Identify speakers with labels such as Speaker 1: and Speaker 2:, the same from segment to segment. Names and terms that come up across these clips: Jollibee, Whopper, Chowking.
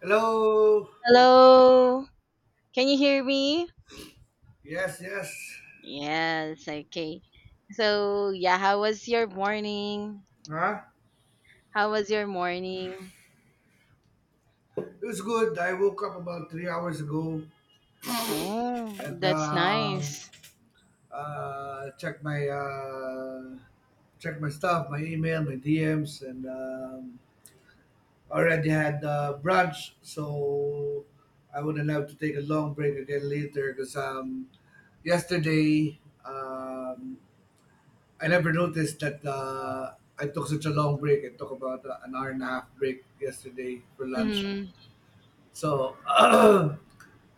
Speaker 1: Hello.
Speaker 2: Hello. Can you hear me?
Speaker 1: Yes, yes.
Speaker 2: Yes, okay. So, yeah, how was your morning?
Speaker 1: Huh?
Speaker 2: How was your morning?
Speaker 1: It was good. I woke up about 3 hours ago
Speaker 2: Oh,
Speaker 1: and
Speaker 2: that's nice.
Speaker 1: checked my checked my stuff, my email, my DMs, and already had brunch. So I wouldn't have to take a long break again later because yesterday I never noticed that I took such a long break. I took about an hour and a half break yesterday for lunch.
Speaker 2: Mm-hmm.
Speaker 1: So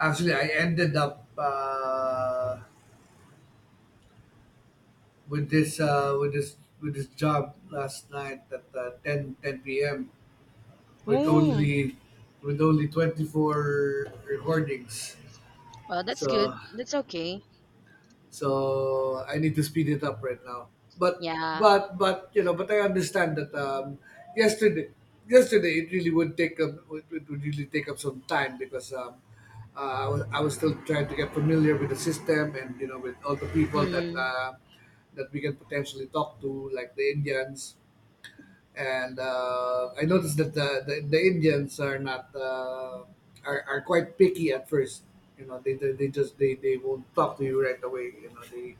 Speaker 1: actually, I ended up with this job last night at 10 p.m. with
Speaker 2: Oh,
Speaker 1: only with only 24 recordings.
Speaker 2: well, that's
Speaker 1: So,
Speaker 2: good. That's okay.
Speaker 1: so I need to speed it up right now. But
Speaker 2: Yeah.
Speaker 1: but but I understand that yesterday yesterday it really would take up it would really take up some time because I was still trying to get familiar with the system, and you know, with all the people that
Speaker 2: Mm-hmm.
Speaker 1: that we can potentially talk to, like the Indians. And I noticed that the Indians are not are quite picky at first. You know, they just they won't talk to you right away. You know, they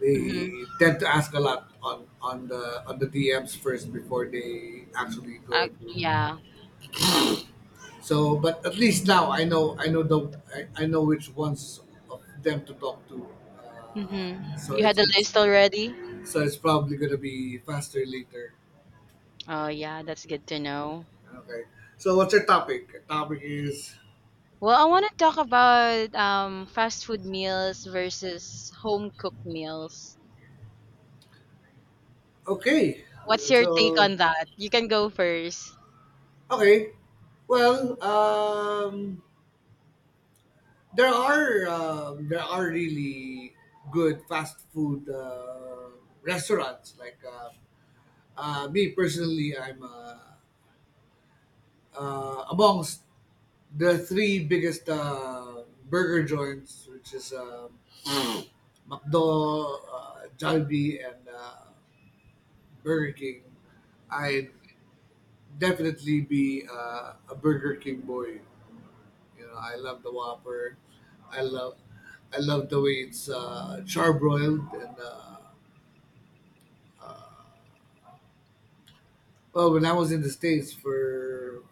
Speaker 1: they
Speaker 2: Mm-hmm.
Speaker 1: tend to ask a lot on the DMs first before they actually go into.
Speaker 2: Yeah.
Speaker 1: So, but at least now I know I know which ones of them to talk to.
Speaker 2: Mm-hmm. You had the
Speaker 1: It's
Speaker 2: list already?
Speaker 1: so it's probably gonna be faster later.
Speaker 2: Oh, yeah, that's good to know.
Speaker 1: Okay. So what's your topic? Your topic is
Speaker 2: Well, I want to talk about fast food meals versus home cooked meals.
Speaker 1: Okay.
Speaker 2: What's your take
Speaker 1: So
Speaker 2: on that? You can go first.
Speaker 1: okay. Well, there are there are really good fast food restaurants. Like me personally, I'm amongst the three biggest burger joints, which is McDo, Jollibee, and Burger King. I'd definitely be a Burger King boy. You know, I love the Whopper. I love, I love the way it's charbroiled. And well, when I was in the states for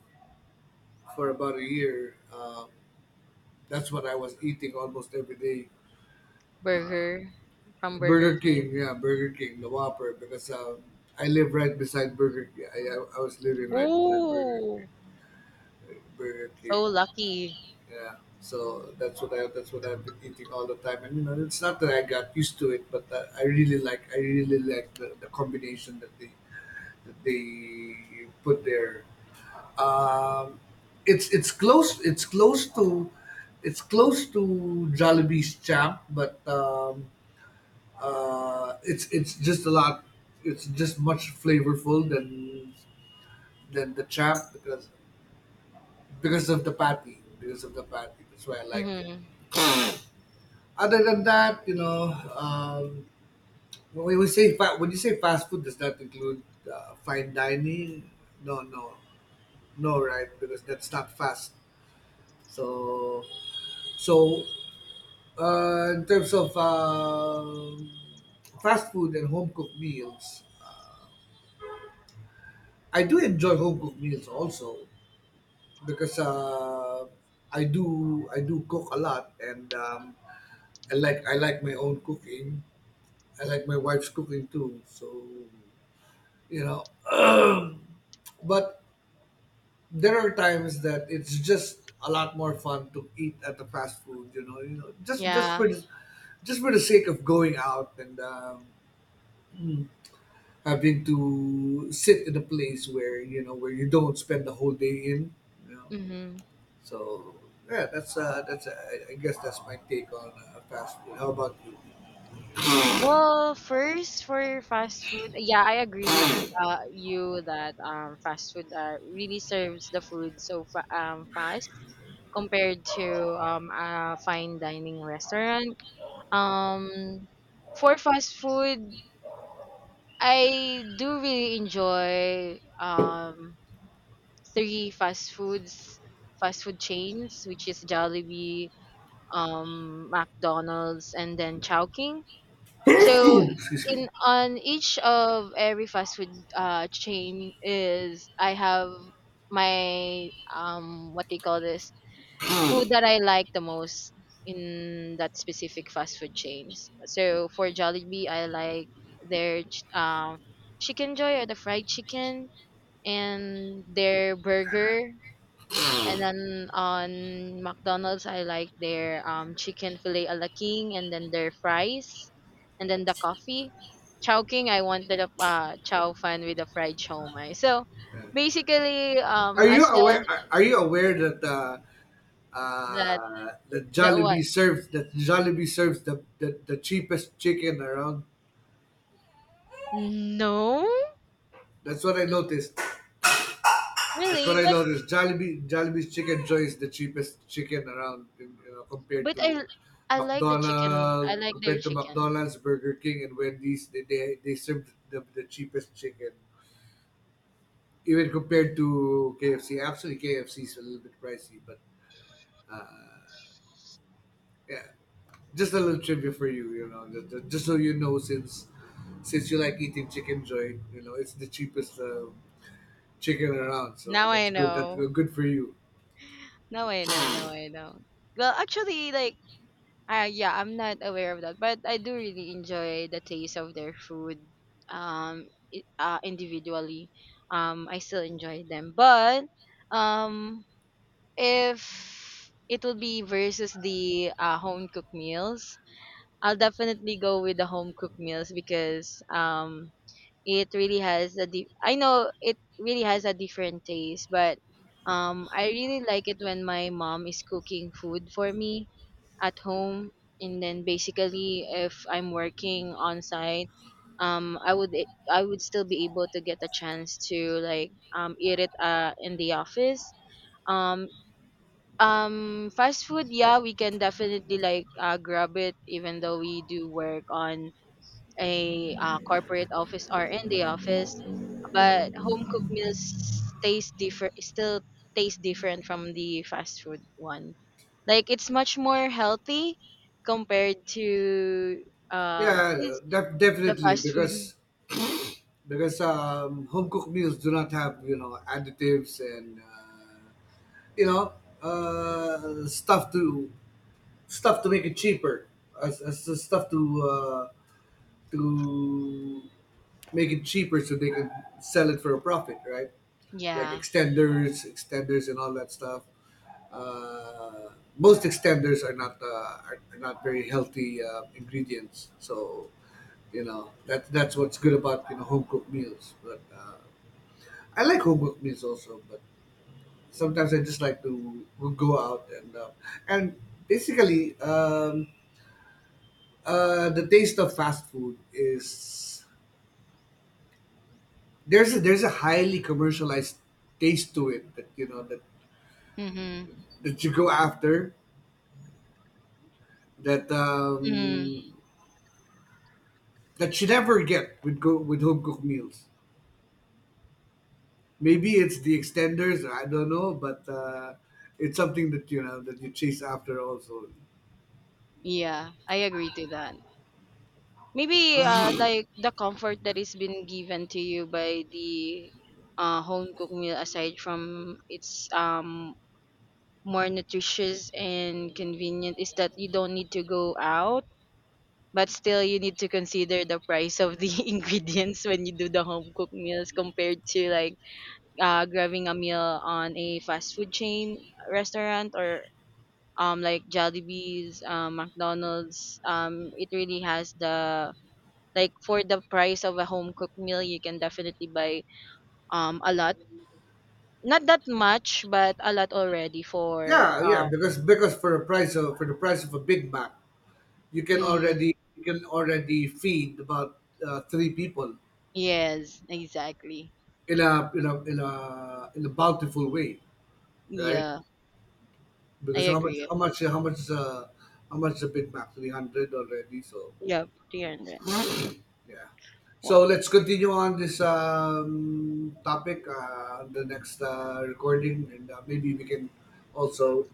Speaker 1: about a year, that's what I was eating almost every day.
Speaker 2: Burger from Burger
Speaker 1: Burger
Speaker 2: King.
Speaker 1: King, yeah, Burger King, the Whopper, because I live right beside Burger King. I was living right beside Burger King.
Speaker 2: Ooh,
Speaker 1: Burger King.
Speaker 2: so lucky.
Speaker 1: Yeah, so that's what I've been eating all the time, and you know, it's not that I got used to it, but I really like the combination that they put there. Um, it's it's close it's close to it's close to Jollibee's champ, but it's just a lot it's just much flavorful than the champ because because of the patty, that's why I like it.
Speaker 2: Mm-hmm.
Speaker 1: Other than that, you know, when we say when you say fast food, does that include fine dining? No, no, no, right? Because that's not fast. So, so in terms of fast food and home cooked meals, I do enjoy home cooked meals also because I do cook a lot, and I like my own cooking. I like my wife's cooking too. So, you know, but there are times that it's just a lot more fun to eat at the fast food, you know,
Speaker 2: Yeah.
Speaker 1: just for the sake of going out, and mm, having to sit in a place where, you know, where you don't spend the whole day in, you know.
Speaker 2: Mm-hmm.
Speaker 1: So yeah, that's I guess that's my take on fast food. How about you?
Speaker 2: Well, first for fast food, yeah, I agree with you that fast food really serves the food so fast compared to a fine dining restaurant. Um, for fast food, I do really enjoy three fast food chains, which is Jollibee, McDonald's, and then Chowking. So
Speaker 1: Excuse me.
Speaker 2: in on each of every fast food chain is I have my what do you call this food that I like the most in that specific fast food chains. So for Jollibee, I like their chicken joy or the fried chicken and their burger, and then on McDonald's, I like their chicken filet a la king, and then their fries, and then the coffee. Chow King, I wanted a chow fan with a fried chow mein. So basically, as a
Speaker 1: Are you aware that
Speaker 2: that the what?
Speaker 1: That Jollibee serves the cheapest chicken around?
Speaker 2: No,
Speaker 1: That's what I noticed. That's
Speaker 2: really,
Speaker 1: what I
Speaker 2: but
Speaker 1: noticed. Jollibee's chicken joy is the cheapest chicken around, in, you know,
Speaker 2: but I like the chicken. I like their
Speaker 1: Compared to
Speaker 2: chicken.
Speaker 1: McDonald's, Burger King, and Wendy's. They serve the cheapest chicken, even compared to KFC. Actually, KFC is a little bit pricey, but uh, yeah, just a little trivia for you, you know, just so you know, since you like eating chicken joint, you know, it's the cheapest chicken around, so
Speaker 2: Now I
Speaker 1: that's good. That's
Speaker 2: know.
Speaker 1: good for you.
Speaker 2: Now I know. Now I know. Well, actually, like yeah, I'm not aware of that, but I do really enjoy the taste of their food. Individually, I still enjoy them, but um, if it will be versus the home cooked meals, I'll definitely go with the home cooked meals because it really has I know it really has a different taste, but I really like it when my mom is cooking food for me at home, and then basically if I'm working on site, I would I would still be able to get a chance to like eat it in the office. Um, fast food, yeah, we can definitely like grab it even though we do work on a corporate office or in the office, but home cooked meals taste different, still taste different from the fast food one, like it's much more healthy compared to
Speaker 1: Yeah,
Speaker 2: 'cause the
Speaker 1: definitely,
Speaker 2: fast food.
Speaker 1: because home cooked meals do not have, you know, additives, and you know, uh, stuff to stuff to make it cheaper, as the stuff to to make it cheaper so they could sell it for a profit, right? Like
Speaker 2: Yeah.
Speaker 1: extenders, extenders, and all that stuff. Uh, most extenders are not are not very healthy ingredients, so you know, that that's what's good about, you know, home cooked meals. But I like home cooked meals also, but sometimes I just like to go out and basically the taste of fast food is there's a highly commercialized taste to it that you know,
Speaker 2: Mm-hmm.
Speaker 1: that you go after, that
Speaker 2: mm
Speaker 1: um that you never get with, go with home cooked meals. Maybe it's the extenders, I don't know, but it's something that you know, that you chase after also.
Speaker 2: yeah, I agree to that. Maybe like the comfort that is been given to you by the home cooked meal, aside from its more nutritious and convenient, is that you don't need to go out, but still you need to consider the price of the ingredients when you do the home cooked meals compared to like grabbing a meal on a fast food chain restaurant, or like Jollibee's, McDonald's. It really has the, like for the price of a home cooked meal, you can definitely buy a lot. Not that much, but a lot already for
Speaker 1: Yeah, yeah, because for the price of a Big Mac,
Speaker 2: mm,
Speaker 1: you can already feed about three people
Speaker 2: Yes, exactly.
Speaker 1: in a in a bountiful way, right?
Speaker 2: Yeah, I
Speaker 1: Because
Speaker 2: agree.
Speaker 1: how much the Big Mac? 300 already. So,
Speaker 2: Yep, 300.
Speaker 1: yeah.
Speaker 2: Well,
Speaker 1: So let's continue on this topic the next recording, and maybe we can also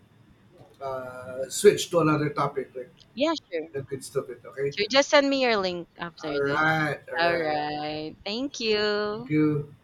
Speaker 1: switch to another topic, like
Speaker 2: yeah, sure.
Speaker 1: that good stuff. It okay.
Speaker 2: Sure, just send me your link
Speaker 1: All
Speaker 2: after this.
Speaker 1: right, all
Speaker 2: All
Speaker 1: right.
Speaker 2: right. Thank
Speaker 1: Thank
Speaker 2: you.
Speaker 1: you.